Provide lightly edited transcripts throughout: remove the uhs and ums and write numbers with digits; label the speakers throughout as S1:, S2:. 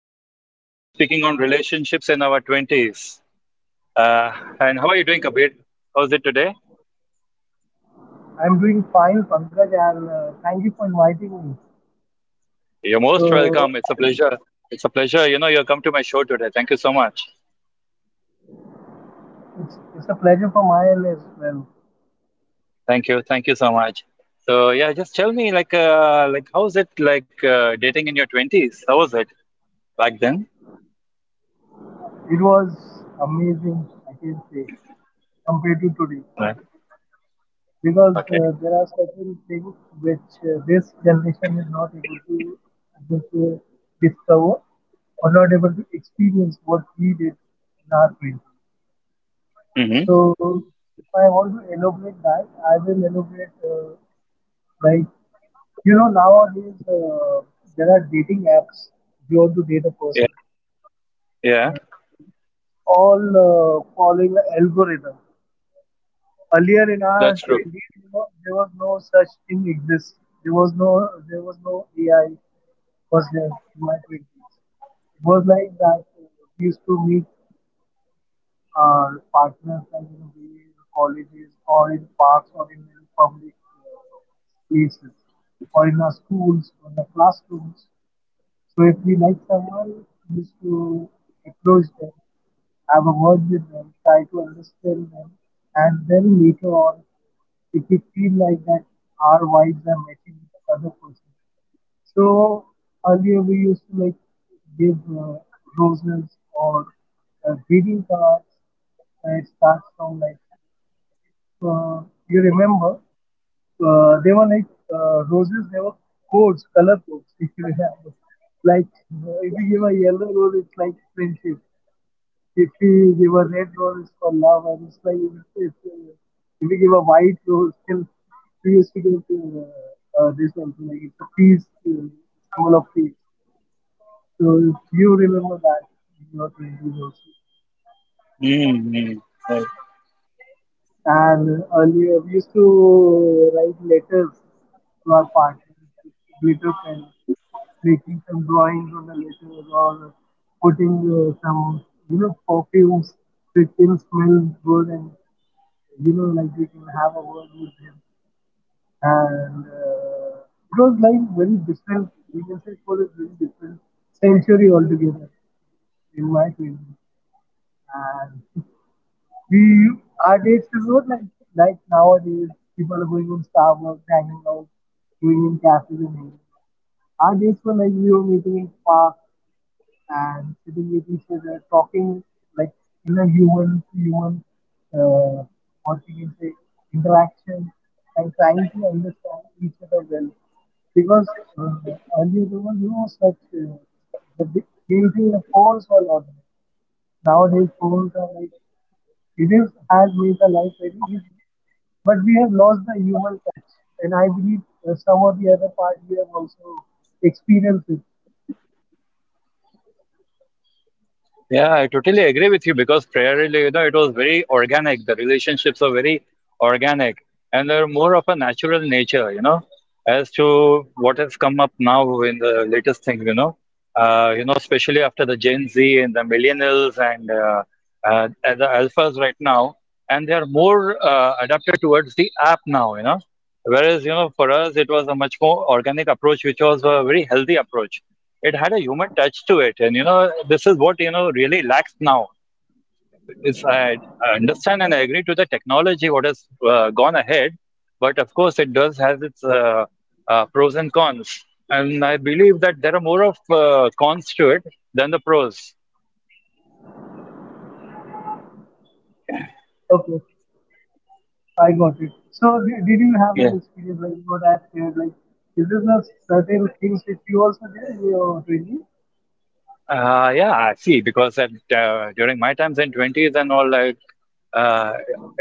S1: So, today we'll be speaking on relationships in our 20s. Uh, and how are you doing, Kabir? How's it today?
S2: I'm doing fine, Pankaj, and thank you for inviting me.
S1: You're most
S2: So
S1: welcome. It's a
S2: um,
S1: pleasure. It's a pleasure. You know, you come to my show today. Thank you so much.
S2: it's a pleasure for my end as well.
S1: Thank you. Thank you so much. So, yeah, just tell me, how's it like dating in your 20s? How was it back then?
S2: It was amazing, I can say, compared to today,
S1: Right.
S2: because
S1: Okay.
S2: there are certain things which this generation is not able to able to discover or not able to experience what we did in our twenties.
S1: Mm-hmm.
S2: So if I want to elaborate that, I will elaborate like you know nowadays there are dating apps. If you want to date a person,
S1: Yeah. Yeah.
S2: and all following the algorithm. Earlier in our
S1: That's true.
S2: twenties, you know, there was no such thing exists. There was no AI was there in my twenties. It was like that. We used to meet our partners like in way colleges or in parks or in public uh, places or in our schools or in the classrooms, so if we like someone, we used to approach them, have a word with them, try to understand them, and then later on, if we feel like that our vibes are matching with the other person. So earlier we used to like give roses or greeting cards. It starts from like if you remember. They were like roses. They were codes, color codes. If you remember, like if you give a yellow rose, it's like friendship. If you give a red rose, it's for love, and it's like if if you give a white rose, still we used to get this also like it's a peace, symbol of peace. So if you remember that in your twenties also.
S1: Mm-hmm.
S2: And earlier, we used to write letters to our partners with glitter pens, making some drawings on the letters or putting some, you know, perfumes which can smell good and, you know, like we can have a word with him. And it was like very different, we can say it was a very different century altogether in my twenties. And. We our dates is not like like nowadays. People are going in Starbucks, hanging out, going in cafes and hanging out. Our dates were like we were meeting in parks and sitting with each other, talking like in a human to human, uh, what we can say, interaction and trying to understand each other well. Because earlier there was no such, main thing the phones were not there. Nowadays phones are like it is has made the life very easy, but we have lost the human touch, and I believe some of the other part we have also experienced it.
S1: Yeah, I totally agree with you because prayer really, you know, it was very organic. The relationships are very organic and they're more of a natural nature, you know, as to what has come up now in the latest things, you know, especially after the Gen Z and the millennials and the alphas right now, and they are more adapted towards the app now, you know, whereas, you know, for us, it was a much more organic approach, which was a very healthy approach. It had a human touch to it, and you know this is what you know really lacks now. Is I understand and I agree to the technology what has gone ahead, but of course it does has its pros and cons, and I believe that there are more of cons to it than the pros.
S2: Okay, I got it. So did you have
S1: Yeah.
S2: any experience like what I have shared? Like, is this a certain things which you also did in your training?
S1: Yeah, I see because at, during my times in 20s and all I. Uh,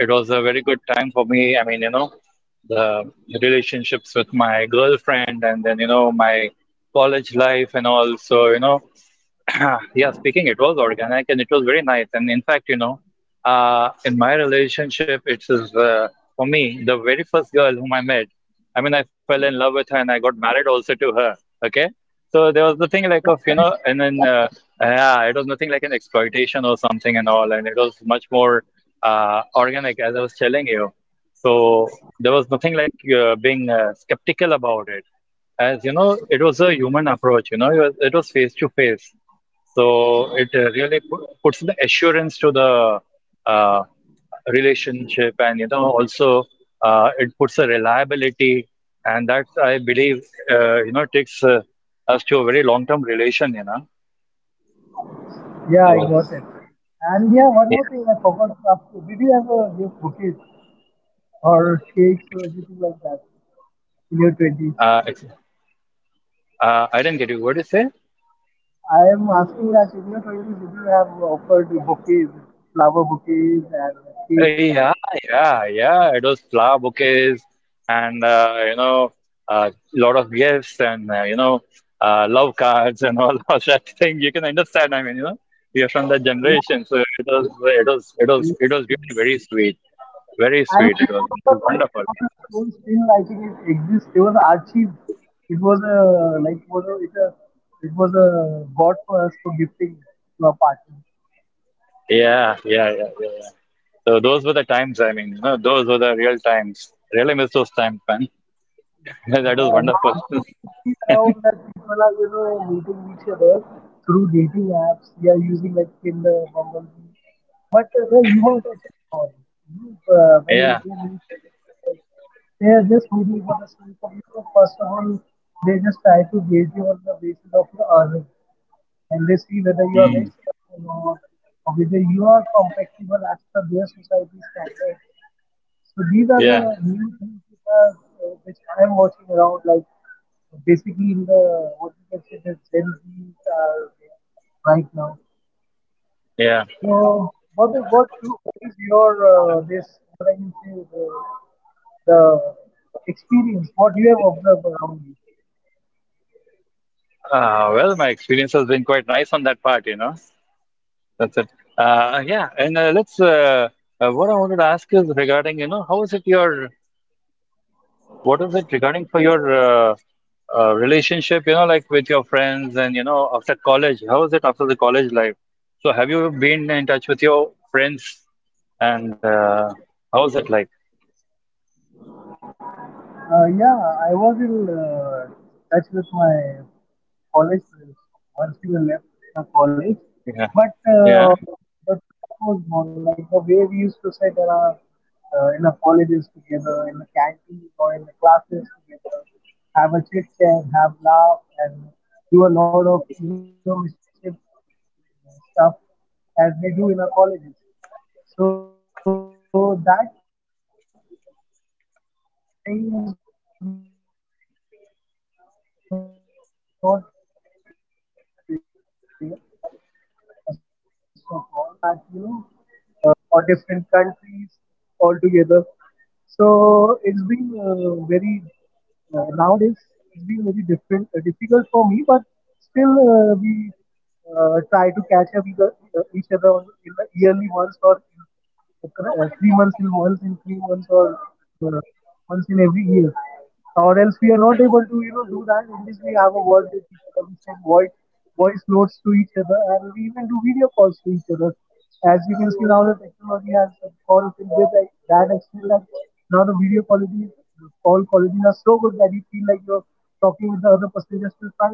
S1: it was a very good time for me. I mean, you know, the relationships with my girlfriend and then, you know, my college life and all. So, you know, yeah, speaking, it was organic and it was very nice. And in fact, you know, in my relationship, it is for me the very first girl whom I met. I mean, I fell in love with her and I got married also to her. Okay, so there was nothing like of
S2: Yeah,
S1: you know,
S2: did-
S1: and then yeah, it was nothing like an exploitation or something and all, and it was much more organic, as I was telling you. So there was nothing like being skeptical about it, as you know it was a human approach, you know it was face to face, so it really puts the assurance to the uh, relationship, and you know also it puts a reliability, and that I believe you know takes us to a very long term relation, you know.
S2: yeah, I
S1: So
S2: got it. And yeah, one more
S1: yeah,
S2: thing I forgot to ask you. Did you ever give bouquets or cakes or
S1: it's
S2: anything like that in your twenties?
S1: it's I didn't get you, what did you say?
S2: I am asking that if your if you have offered bouquets, flower bouquets and cakes.
S1: Yeah, yeah, yeah. It was flower bouquets and you know a lot of gifts and you know love cards and all of that thing. You can understand. I mean, you know, we are from that generation,
S2: Yeah.
S1: so it was it was it was
S2: Mm,
S1: it was
S2: mm,
S1: really very
S2: mm.
S1: sweet, very
S2: And
S1: sweet.
S2: if you
S1: It was
S2: remember, there
S1: wonderful.
S2: was a stone still. I think it exists. There was Archie's. It was a like was a it was a god for us for gifting to our partner.
S1: Yeah, yeah, yeah, yeah, yeah. So those were the times. I mean, you know, those were the real times. Really miss those times, man. That was wonderful.
S2: Nowadays, I see around that people are, you know, meeting each other through dating apps. They are using like Tinder, Bumble, but the human touch is gone. You know, when
S1: Yeah,
S2: they meet there's this feeling for the school for you. First of all, they just try to gauge you on the basis of your earning, and they see whether you are
S1: mm,
S2: rich enough or not, or whether you are compatible as per their society standards. So these are
S1: yeah,
S2: the new things which are which I am watching around, like basically in the what you can say the Gen Zs are there right now.
S1: yeah.
S2: So what is your this what I can say the experience what you have observed around you?
S1: Well, my experience has been quite nice on that part, you know. That's it. Yeah, and let's. What I wanted to ask is regarding, you know, how is it your, what is it regarding for your uh, relationship, you know, like with your friends and, you know, after college? How is it after the college life? So, have you been in touch with your friends and how is it like?
S2: Yeah, I was in touch with my college friends once we left the college,
S1: Yeah.
S2: but
S1: Yeah.
S2: the touch was gone. Like the way we used to sit in our colleges together, in the canteen or in the classes together, have a chit chat, have laugh, and do a lot of you know mischief stuff as we do in our colleges. So that thing is not there, first of all. The other thing is that you know now they have moved for the work. They have moved to different cities or different countries altogether. So it's been very nowadays it's been very different difficult for me, but still we try to catch up with each other on in the yearly once or 3 months in once in 3 months or uh, once in every year, or else we are not able to you know do that in this we have a word with each other, we send voice notes to each other and we even do video calls to each other as you can see now the technology has gone to that extent that now the video quality, the call qualities are so good that you feel like you're talking with the other person just in front of you.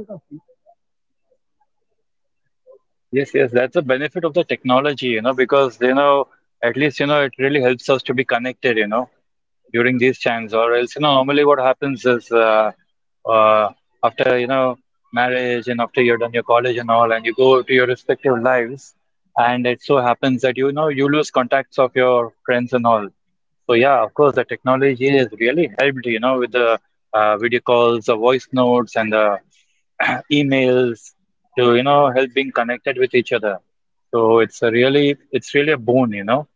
S1: Yes, yes, that's the benefit of the technology, you know, because, you know, at least, you know, it really helps us to be connected, you know, during these times, or else, you know, normally what happens is uh, after, you know, marriage and after you're done your college and all, and you go to your respective lives, and it so happens that, you know, you lose contacts of your friends and all. So, yeah, of course, the technology has really helped, you know, with the video calls, the voice notes, and the emails to, you know, help being connected with each other. So it's a really, it's really a boon, you know.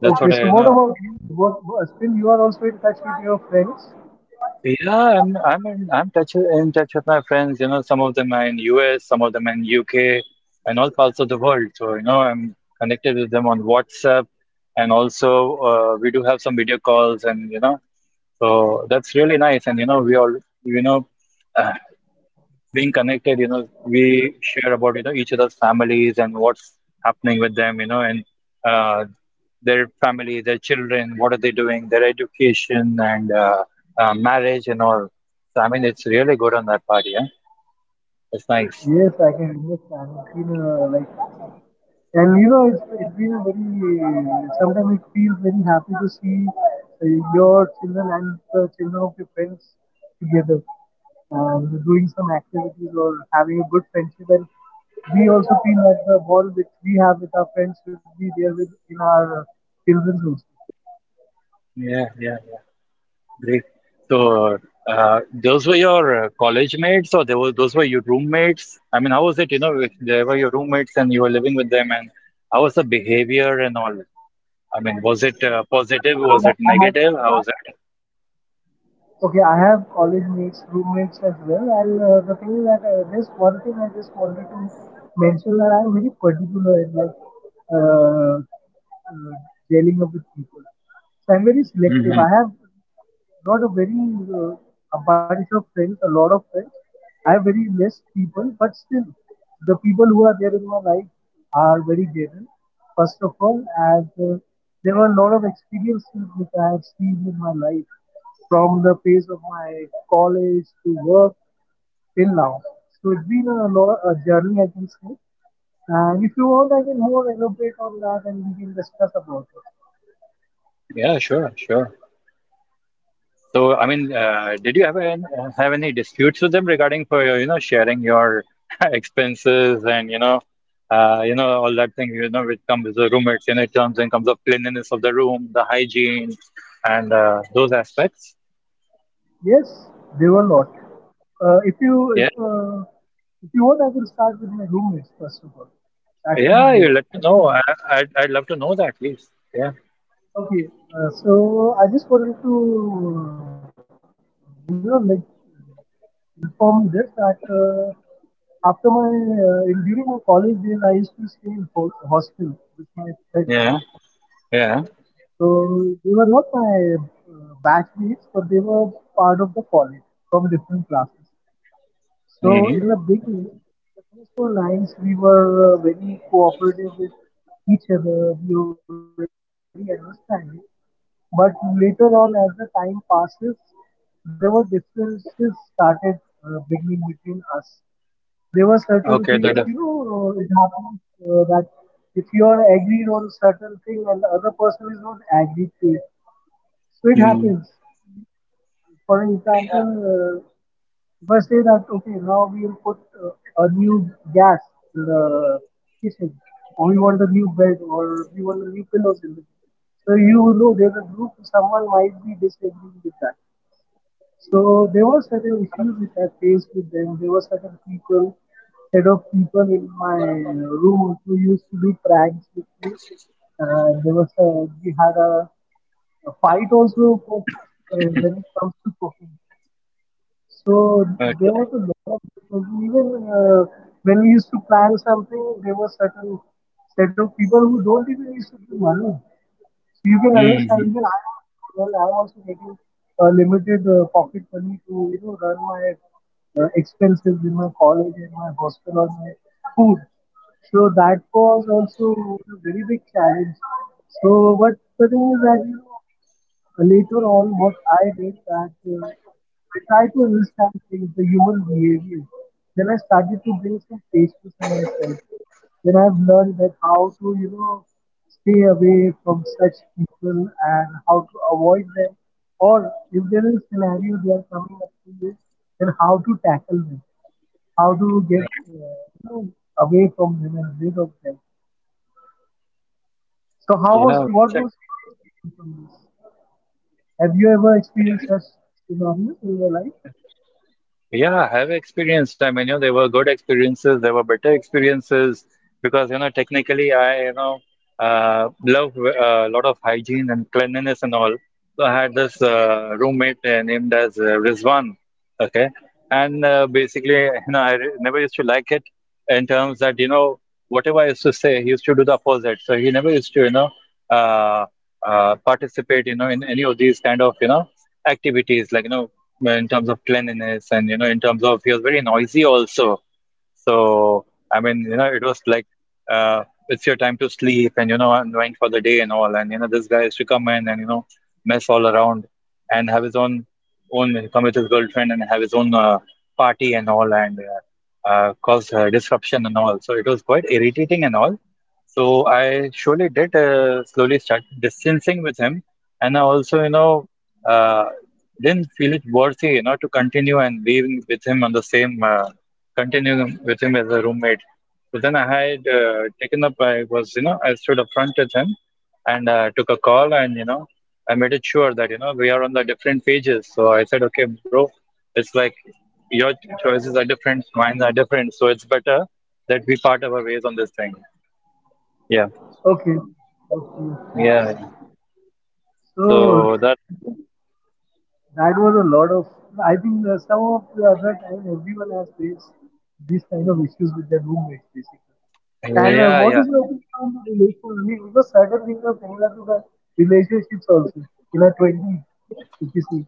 S1: That's
S2: Okay,
S1: what
S2: so
S1: I, you
S2: what
S1: know, I
S2: about
S1: will.
S2: you? Still you are also in touch with your friends?
S1: Yeah, I'm in, I'm touch in touch with my friends. You know, some of them are in US, some of them in UK, and all parts of the world. So you know, I'm connected with them on WhatsApp, and also we do have some video calls, and you know, so that's really nice. And you know, we all you know, uh, being connected, you know, we share about you know each other's families and what's happening with them, you know, and uh, their family, their children, what are they doing, their education and marriage and all. So I mean, it's really good on that part. Yeah, it's nice.
S2: Yes, I can understand. It's been a, like, and you know, it's been a very, sometimes it feels very happy to see your children and the children of your friends together and doing some activities or having a good friendship. And we also feel that the bond which we have with our friends should be there with in our children's also.
S1: Yeah, yeah, great. So those were your college mates, or they were those were your roommates? I mean, how was it? You know, if they were your roommates and you were living with them, and how was the behavior and all? I mean, was it positive? Was it
S2: I have.
S1: negative? How was it?
S2: Okay, I have college mates, roommates as well, and the thing is that this one thing I just wanted to mention that I'm very particular in like uh, uh, dealing up with people. So I'm very selective. I
S1: Hmm.
S2: have not a very uh, a bunch of friends, a lot of friends. I have very less people, but still, the people who are there in my life are very genuine. First of all, as there were a lot of experiences which I have seen in my life from the place of my college to work till now. So it's been a, lot, a journey, I can say. And if you want, I can more elaborate on that, and we can discuss about it.
S1: Yeah, sure, sure. So, I mean, did you ever have any disputes with them regarding for your, you know, sharing your expenses and you know, all that thing, you know, which comes with the roommates, you know, it comes in comes of cleanliness of the room, the hygiene, and those aspects.
S2: Yes, they were not. Uh, if you if
S1: Yeah,
S2: uh, if you want, I can start with my roommates first of all. That will be
S1: yeah, you
S2: great.
S1: let me know. I'd love to know that, please. Yeah,
S2: Okay, so I just wanted to, you know, like from this that after my during my college days, I used to stay in hostel with my friends.
S1: yeah, yeah.
S2: So they were not my batchmates, but they were part of the college from different classes. So
S1: Hmm.
S2: in the beginning, the first four lines we were very cooperative with each other. We were very understanding. But later on, as the time passes, there were differences started beginning between us. There were certain
S1: Okay,
S2: things, you
S1: that.
S2: know, it happens that if you are agreed on a certain thing and the other person is not agreed to it, so it
S1: Mm.
S2: happens. For an
S1: Yeah.
S2: example, uh, if I say that okay, now we will put uh, a new gas in the kitchen, or we want a new bed, or we want a new pillows in the kitchen. So you know, there's a group. Someone might be disagreeing with that. So there were certain issues which I faced with them. There were certain people, set of people in my room who used to do pranks with me. There was a, we had a fight also for, when it comes to cooking. So there
S1: Okay.
S2: was a lot of difference. Even when we used to plan something, there were certain set of people who don't even used to give money. So you can understand.
S1: Hmm.
S2: Even I am a student. I am also getting limited pocket money to you know run my expenses in my college and my hostel or my food. So that was also a very big challenge. So, but the thing is that you know. Later on, what I did that I tried to understand things, the human behavior. Then I started to bring some patience in myself. Then I've learned that how to, you know, stay away from such people and how to avoid them. Or if there is a scenario they are coming up to you, then how to tackle them, how to get
S1: Right.
S2: away from them and rid of them. So how
S1: Yeah,
S2: was
S1: I
S2: what was
S1: understand.
S2: your experience on this? Have you ever
S1: Yeah.
S2: experienced such tsunamis in your life?
S1: Yeah, I have experience. I mean, you know, there were good experiences, there were better experiences because, you know, technically I, you know, love a lot of hygiene and cleanliness and all. So I had this roommate named as Rizwan. Okay. And basically, you know, I never used to like it in terms that, you know, whatever I used to say, he used to do the opposite. So he never used to, you know, uh, participate, you know, in any of these kind of, you know, activities like, you know, in terms of cleanliness and you know in terms of he was very noisy also. So, I mean, you know, it was like it's your time to sleep and, you know, unwind for the day and all. And, you know, this guy used to come in and, you know, mess all around and have his own, own, come with his girlfriend and have his own party and all and cause disruption and all. So, it was quite irritating and all. So, I surely did slowly start distancing with him. And I also, you know, uh, didn't feel it worthy, you know, to continue and being with him on the same. Continue with him as a roommate. So then I had taken up, I was, you know, I stood up front with him and took a call and, you know, I made it sure that, you know, we are on the different pages. So I said, okay, bro, it's like your choices are different, mine are different. So it's better that we part our ways on this thing. Yeah.
S2: Okay. Okay, okay.
S1: Yeah.
S2: So
S1: So that's the thing.
S2: that was a lot of. I think some of the other time everyone has faced these kind of issues with their roommates basically. And
S1: Yeah,
S2: what
S1: yeah.
S2: is your opinion on the relationship? Because certain things are similar to the relationships also in our twenties, if you see,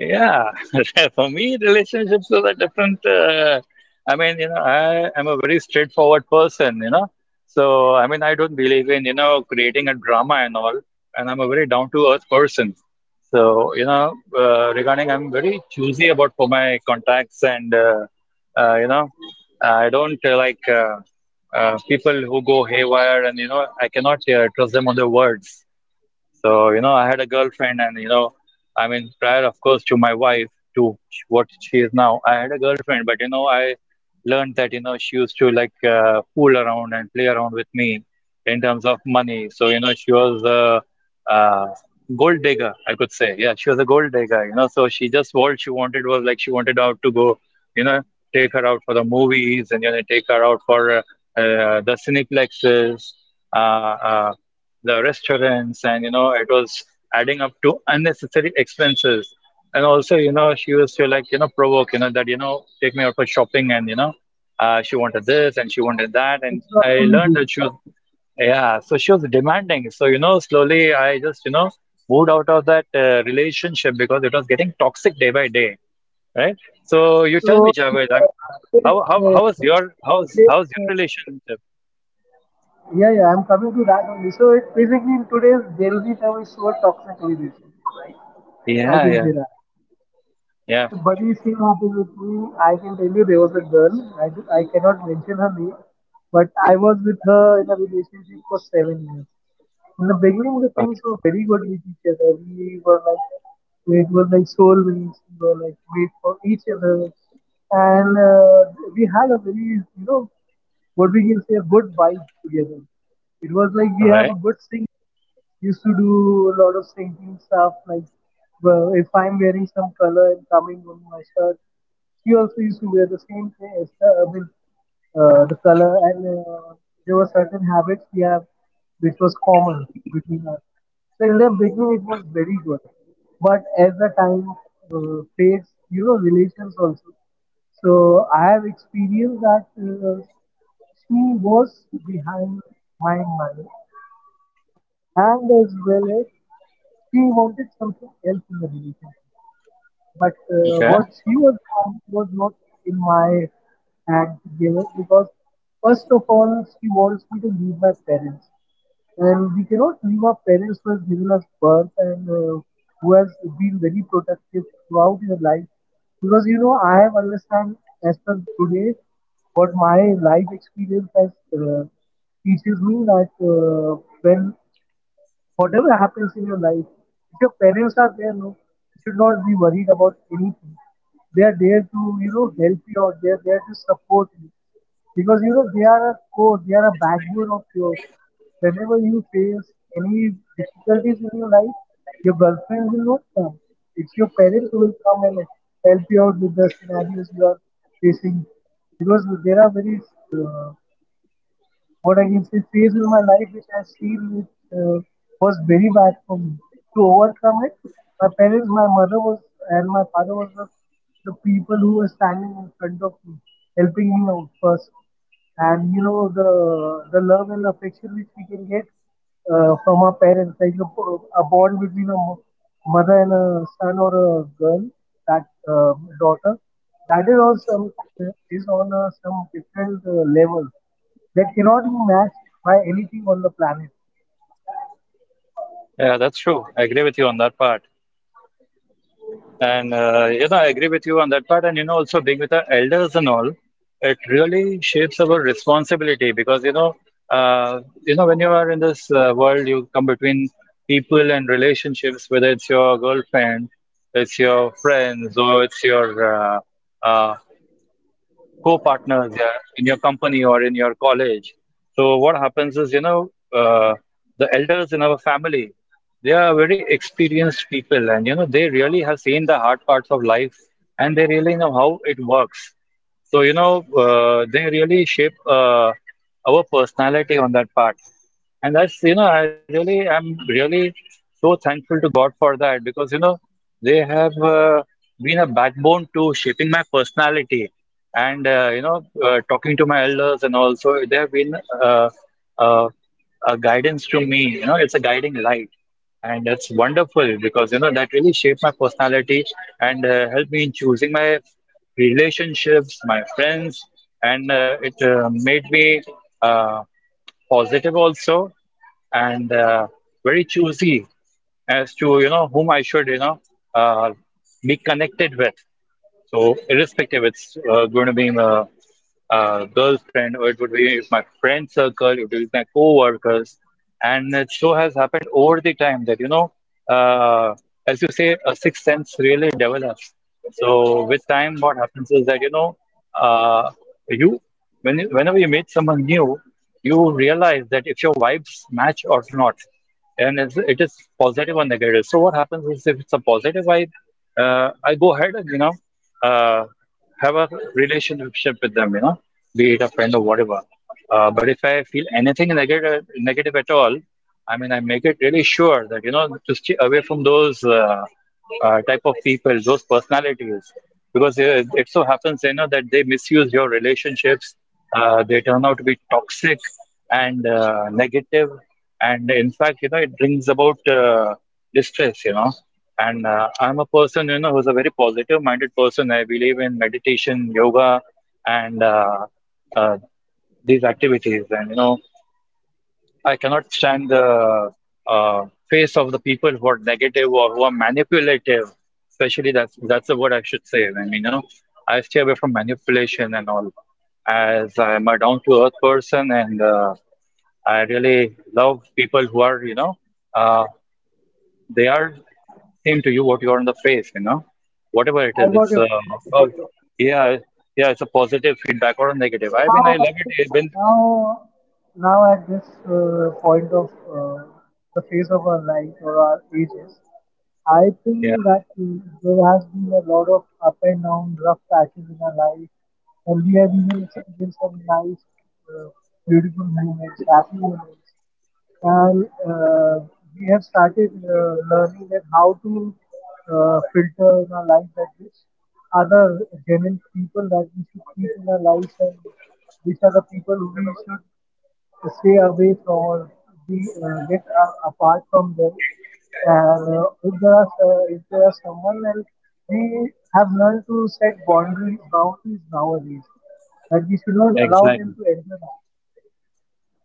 S1: Yeah, for me, relationships are a different. I mean, you know, I am a very straightforward person, you know. So, I mean, I don't believe in, you know, creating a drama and all. And I'm a very down to earth person. So, you know, regarding, I'm very choosy about for my contacts and, you know, I don't like people who go haywire and, you know, I cannot trust them on their words. So, you know, I had a girlfriend, and you know, I mean, prior, of course, to my wife, to what she is now, I had a girlfriend, but you know, I learned that, you know, she used to like fool around and play around with me in terms of money. So, you know, she was a gold digger, I could say. Yeah, she was a gold digger, you know, so she just all she wanted was like she wanted out to go, you know, take her out for the movies and, you know, take her out for the cineplexes uh, uh, the restaurants, and you know, it was adding up to unnecessary expenses. And also, she used to provoke, take me out for shopping and she wanted this and she wanted that. And I
S2: extraordinary
S1: learned that she
S2: basically.
S1: was, yeah, so she was demanding. So, slowly I just moved out of that relationship because it was getting toxic day by day, right? So you tell me,
S2: So
S1: Javed, I mean,
S2: uh,
S1: how,
S2: today's
S1: how, how how was
S2: uh,
S1: your,
S2: in
S1: how's,
S2: today's
S1: how's your
S2: uh,
S1: relationship?
S2: yeah, yeah, I'm coming to that only. So it basically in today's Gen Z term is so toxic relationship, right? I
S1: Yeah,
S2: can
S1: yeah,
S2: say that.
S1: yeah.
S2: Buddy, same happened with me. I can tell you there was a girl. I cannot mention her name, but I was with her in a relationship for 7 years. In the beginning, the
S1: Okay.
S2: things were very good with each other. We were like, it was like soulmates. We were like made for each other, and we had a very, you know, what we can say, a good vibe together. It was like we
S1: All
S2: have a
S1: right.
S2: good sync, used to do a lot of thinking stuff like, well, if I'm wearing some color and coming on my shirt. She also used to wear the same thing as the, the color, and there were certain habits we have which was common between us. So in the beginning, it was very good, but as the time fades, you know, relations also. So I have experienced that she was behind my mind, and as well as she wanted something else in the relationship. But what
S1: Okay.
S2: she was demanding was not in my hand to give it because, first of all, she wants me to leave my parents. And we cannot leave our parents who has given us birth and who has been very protective throughout your life. Because you know, I have understand as per today what my life experience has teaches me that when whatever happens in your life, if your parents are there, no, you should not be worried about anything. They are there to, you know, help you out. They are there to support you. Because, you know, they are a core, they are a backbone of yours. Whenever you face any difficulties in your life, your girlfriend will not come. It's your parents who will come and help you out with the scenarios you are facing, because there are very uh, what I can say, phase in my life which I feel it uh, was very bad for me. To overcome it, my parents, my mother was, and my father was the people who were standing in front of me, helping me out first. And you know the love and affection which we can get from our parents, like a bond between a mother and a son or a girl, that uh, daughter, that is also is on a, some different level that cannot be matched by anything on the planet.
S1: Yeah, that's true. I agree with you on that part. And you know, I agree with you on that part. And you know, also being with our elders and all, it really shapes our responsibility because when you are in this world, you come between people and relationships, whether it's your girlfriend, it's your friends, or it's your uh, co-partners, yeah, in your company or in your college. So what happens is, the elders in our family, they are very experienced people, and you know, they really have seen the hard parts of life, and they really know how it works. So you know, they really shape our personality on that part. And that's, you know, I really, I'm really so thankful to God for that because, you know, they have been a backbone to shaping my personality and, talking to my elders, and also they have been uh, uh, a guidance to me. You know, it's a guiding light. And that's wonderful because, you know, that really shaped my personality and helped me in choosing my relationships, my friends, and it made me. Um, Positive also and very choosy as to you know whom I should, you know, uh, be connected with. So irrespective, it's going to be girlfriend, or it would be my friend circle, it would be my co-workers, and it so has happened over the time that you know, uh, as you say, a sixth sense really develops. So with time, what happens is that you know, uh, you whenever you meet someone new, you realize that if your vibes match or not, and it is positive or negative. So what happens is if it's a positive vibe, I go ahead and Uh, have a relationship with them, you know, be it a friend or whatever. But if I feel anything negative at all, I mean, I make it really sure that you know to stay away from those type of people, those personalities, because it so happens, you know, that they misuse your relationships. They turn out to be toxic and negative, and in fact, you know, it brings about distress, you know. And I'm a person, you know, who's a very positive-minded person. I believe in meditation, yoga, and uh, these activities. And you know, I cannot stand the face of the people who are negative or who are manipulative. Especially that's the word I should say. And you know, I stay away from manipulation and all, as I'm a down-to-earth person, and I really love people who are, you know, uh, they are same to you what you are on the face, you know, whatever it
S2: I
S1: is,
S2: got
S1: it's
S2: your point.
S1: uh
S2: I
S1: oh,
S2: got your point. I got
S1: yeah,
S2: your point.
S1: yeah, it's a positive feedback or a negative,
S2: So
S1: I mean, I
S2: now
S1: love
S2: at
S1: it,
S2: this,
S1: when,
S2: now now at this point of uh, the phase of our life or our ages, I
S1: yeah,
S2: think that there has been a lot of up and down, rough patches in our life, and we have even experienced some nice, uh, beautiful moments, happy moments. And we have started learning that how to filter in our life that which other genuine people that we should keep in our lives and which are the people who we should stay away from or be, apart from them. And if there are someone and we have learned to set boundary boundaries nowadays that we should not allow them
S1: exactly
S2: to enter.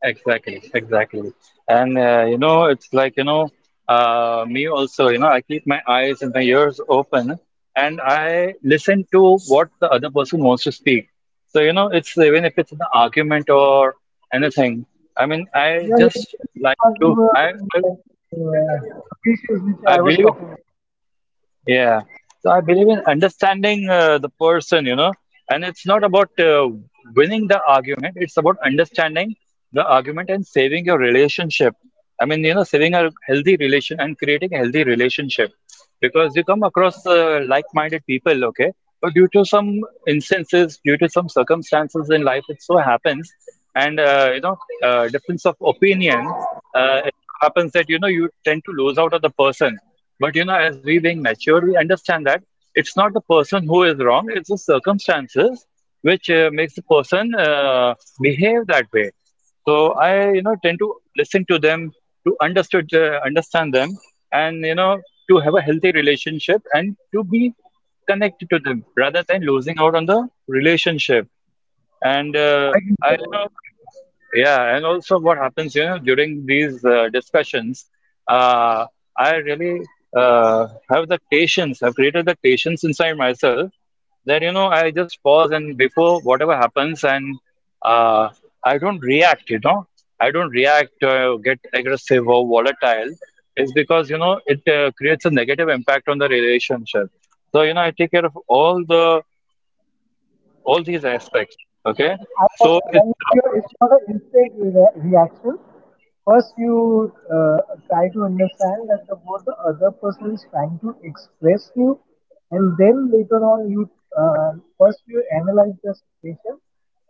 S1: exactly exactly. And you know, it's like you know, me also, you know, I keep my eyes and my ears open and I listen to what the other person wants to speak. So you know, it's, even if it's an argument or anything, I mean, I
S2: Yeah, it's
S1: just
S2: the same thing
S1: like
S2: as we
S1: to,
S2: were saying that the patience which
S1: I
S2: I was
S1: believe in.
S2: talking about.
S1: Yeah. So I believe in understanding the person, you know, and it's not about winning the argument, it's about understanding the argument and saving your relationship. I mean, you know, saving a healthy relation and creating a healthy relationship because you come across like-minded people, okay? But due to some instances, due to some circumstances in life, it so happens, and difference of opinion, it so happens that you know you tend to lose out on the person. But you know, as we being mature, we understand that it's not the person who is wrong; it's the circumstances which makes the person behave that way. So I, you know, tend to listen to them to understand them, and you know, to have a healthy relationship and to be connected to them rather than losing out on the relationship. And
S2: I got it.
S1: I, you know, it- yeah, and also what happens, you know, during these discussions, uh, I really have the patience. I've created the patience inside myself that, you know, I just pause and before whatever happens, and uh, I don't react, you know, I don't react, get aggressive or volatile. It's because, you know, it creates a negative impact on the relationship. So, you know, I take care of all these aspects, okay?
S2: I got
S1: So
S2: it.
S1: it
S2: Now it's your, it's not an instant reaction. First, you try to understand that the what the other person is trying to express you, and then later on you, uh, first you analyze the situation,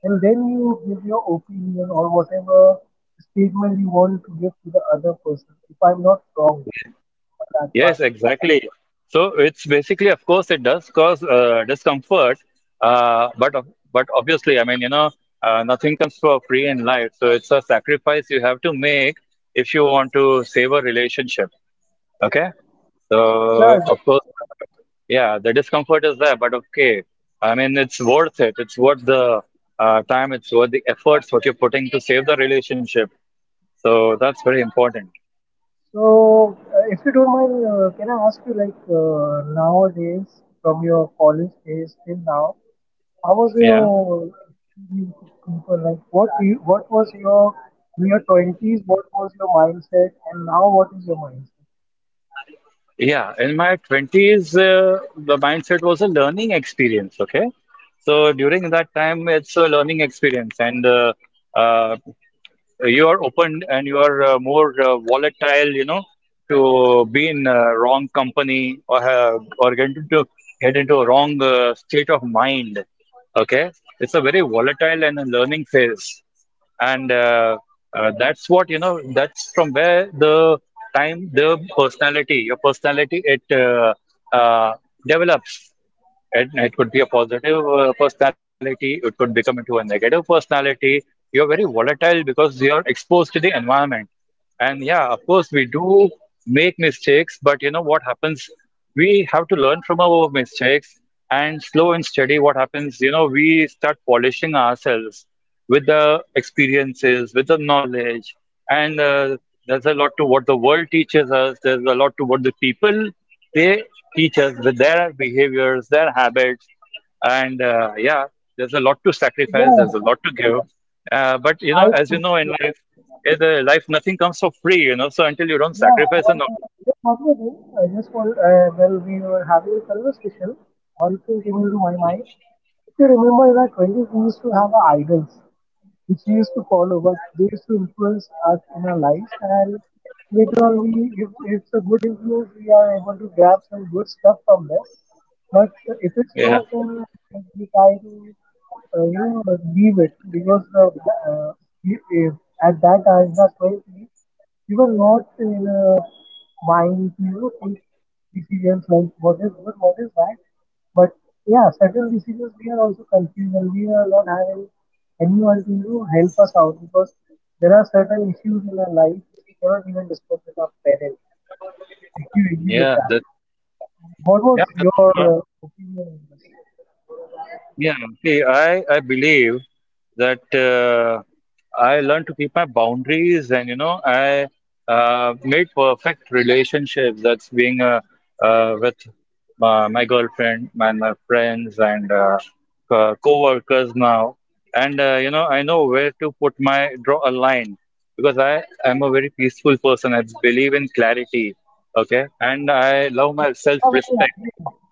S2: and then you give your opinion or whatever statement you want to give to the other person. If I'm not wrong
S1: yeah.
S2: on that part.
S1: Yes, exactly. So it's basically, of course it does cause discomfort, but obviously, I mean, you know, nothing comes for free in life, so it's a sacrifice you have to make if you want to save a relationship, okay? So
S2: Yeah,
S1: of
S2: exactly.
S1: course, the yeah, the discomfort is there, but okay, I mean, it's worth it. It's worth the time, it's worth the efforts what you're putting to save the relationship. So that's very important.
S2: So, if you don't mind, can I ask you, like, nowadays, from your college days till now, how was
S1: Yeah.
S2: your experience with people? Like, what was your, in your twenties? What was your mindset, and now what is your mindset?
S1: Yeah. In my 20s, the mindset was a learning experience. Okay. So during that time, it's a learning experience. And uh, you are open and you are more volatile, you know, to be in wrong company, or get into a wrong state of mind. Okay, it's a very volatile and a learning phase, and that's what you know. That's from where the time, your personality, it uh, develops. It could be a positive personality, it could become into a negative personality. You're very volatile because you're exposed to the environment. And yeah, of course, we do make mistakes, but you know what happens? We have to learn from our mistakes and slow and steady. What happens? You know, we start polishing ourselves with the experiences, with the knowledge, and there's a lot to what the world teaches us. There's a lot to what the people, they teach us with their behaviors, their habits. And yeah, there's a lot to sacrifice,
S2: Yeah,
S1: there's a lot to give, but you know,
S2: I
S1: as you know,
S2: completely agree with that.
S1: in the life, nothing comes for free, you know. So until you don't
S2: Yeah,
S1: sacrifice and
S2: and
S1: all,
S2: there's one more thing. I just want, well, we were having a conversation. One thing came into my mind. If you remember, in our 20s, we used to have our idols, which we used to follow, but they used to influence us in our lives. And later on, we, if it's a good influence, we are able to grab some good stuff from them. But if it's
S1: yeah,
S2: not, then we try to, you know, leave it because the, we- if at that time, in our 20s. You were not in a mind to, you know, take decisions like what is good, what is bad. But yeah, certain decisions we are also confused and we are not having anyone to, you know, help us out, because there are certain issues in our life which we cannot even discuss with our parents. If you agree with
S1: yeah
S2: that,
S1: that's
S2: what was
S1: yeah, that's
S2: your
S1: true, huh?
S2: opinion on this?
S1: Yeah, see, I believe that I learned to keep my boundaries, and, you know, I made perfect relationships. That's being with my girlfriend, my friends, and co-workers now. And, you know, I know where to draw a line because I am a very peaceful person. I believe in clarity, okay? And I love my
S2: So did you have any
S1: self-respect.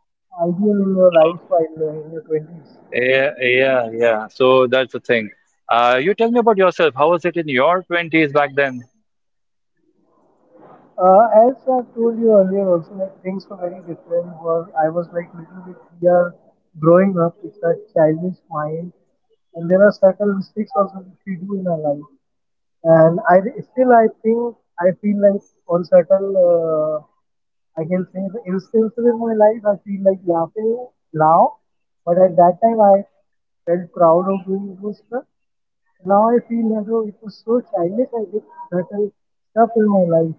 S2: ideal in your life
S1: So
S2: while in your twenties?
S1: yeah, yeah, yeah. So that's the thing. You tell me about yourself. How was it in your 20s back then?
S2: As I told you earlier, also like things were very different. Where I was like little bit, we are growing up. It's a childish mind, and there are certain mistakes also which we do in our life. And I still, I think, I feel like on certain, I can say the instances in my life, I feel like laughing now. But at that time, I felt proud of doing those stuff. Now I feel as though it was so childish. I did certain stuff in my life,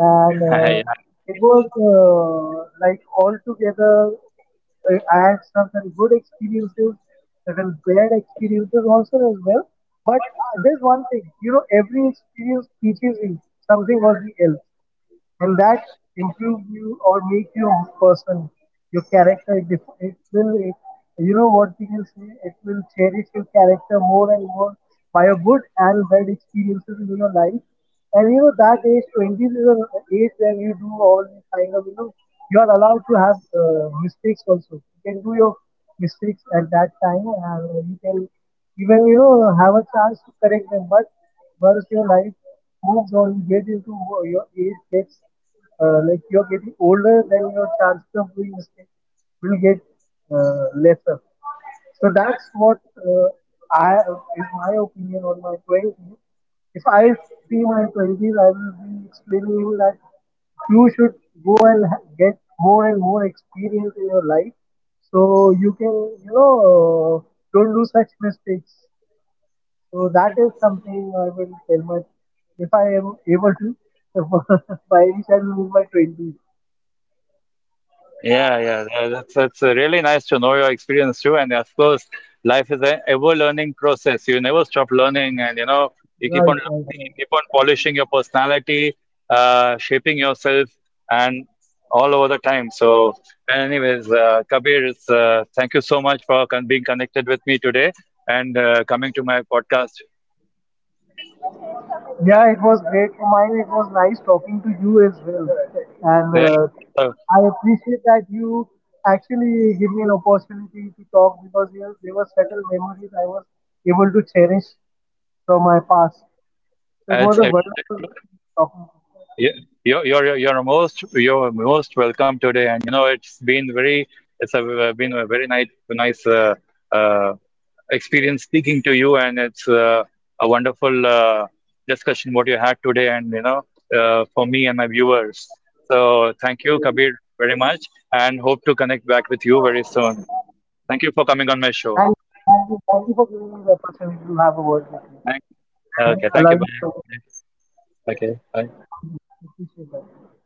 S2: and it was like altogether. I had certain good experiences, certain bad experiences also as well. But there's one thing, you know, every experience teaches you something or the else, and that improve you or make you a person, your character. It def- it will it, You know what we
S1: Yeah.
S2: can say, it will cherish your character more and more by your good and bad experiences in your life. And you know that age 20s is an age where you do all these kind of, you know, you are allowed to have mistakes also. You can do your mistakes at that time, and you can even, you know, have a chance to correct them. But once your life moves or you get into your age gets like you're getting older, then your chances of doing mistakes will get lesser. So that's what I is my opinion on my 20s. If I see my 20s, I will be explaining you that you should go and get more and more experience in your life, so you can, you know, don't do such mistakes. So that is something I will tell my, if I am able to by any chance in my twenties.
S1: Yeah, that's really nice to know your experience too. And of course, life is an ever-learning process. You never stop learning, and you know you keep
S2: Right,
S1: on
S2: right,
S1: learning. You
S2: right.
S1: keep on polishing your personality, shaping yourself, and all over the time. So, anyways, Kabir, thank you so much for con being connected with me today and coming to my podcast. Uh,
S2: Yeah, it was great for mine. It was nice talking to you as well, and
S1: Damn,
S2: I appreciate that you actually give me an opportunity to talk, because you know, there were certain memories I was able to cherish from my past. So it was
S1: it's
S2: a
S1: it
S2: wonderful
S1: was
S2: talking.
S1: you- you're you're most welcome today, and you know it's been very, been a very nice uh, experience speaking to you, and it's a wonderful discussion what you had today, and you know, for me and my viewers. So thank you, Kabir, very much, and hope to connect back with you very soon. Thank you for coming on my
S2: Thank
S1: show.
S2: you, thank you, thank you for giving me the opportunity to have a word with you
S1: Thank.
S2: and
S1: Okay. Thank you.
S2: allowing me
S1: Bye.
S2: over.
S1: Bye. Okay. Bye.
S2: Thank you, appreciate that.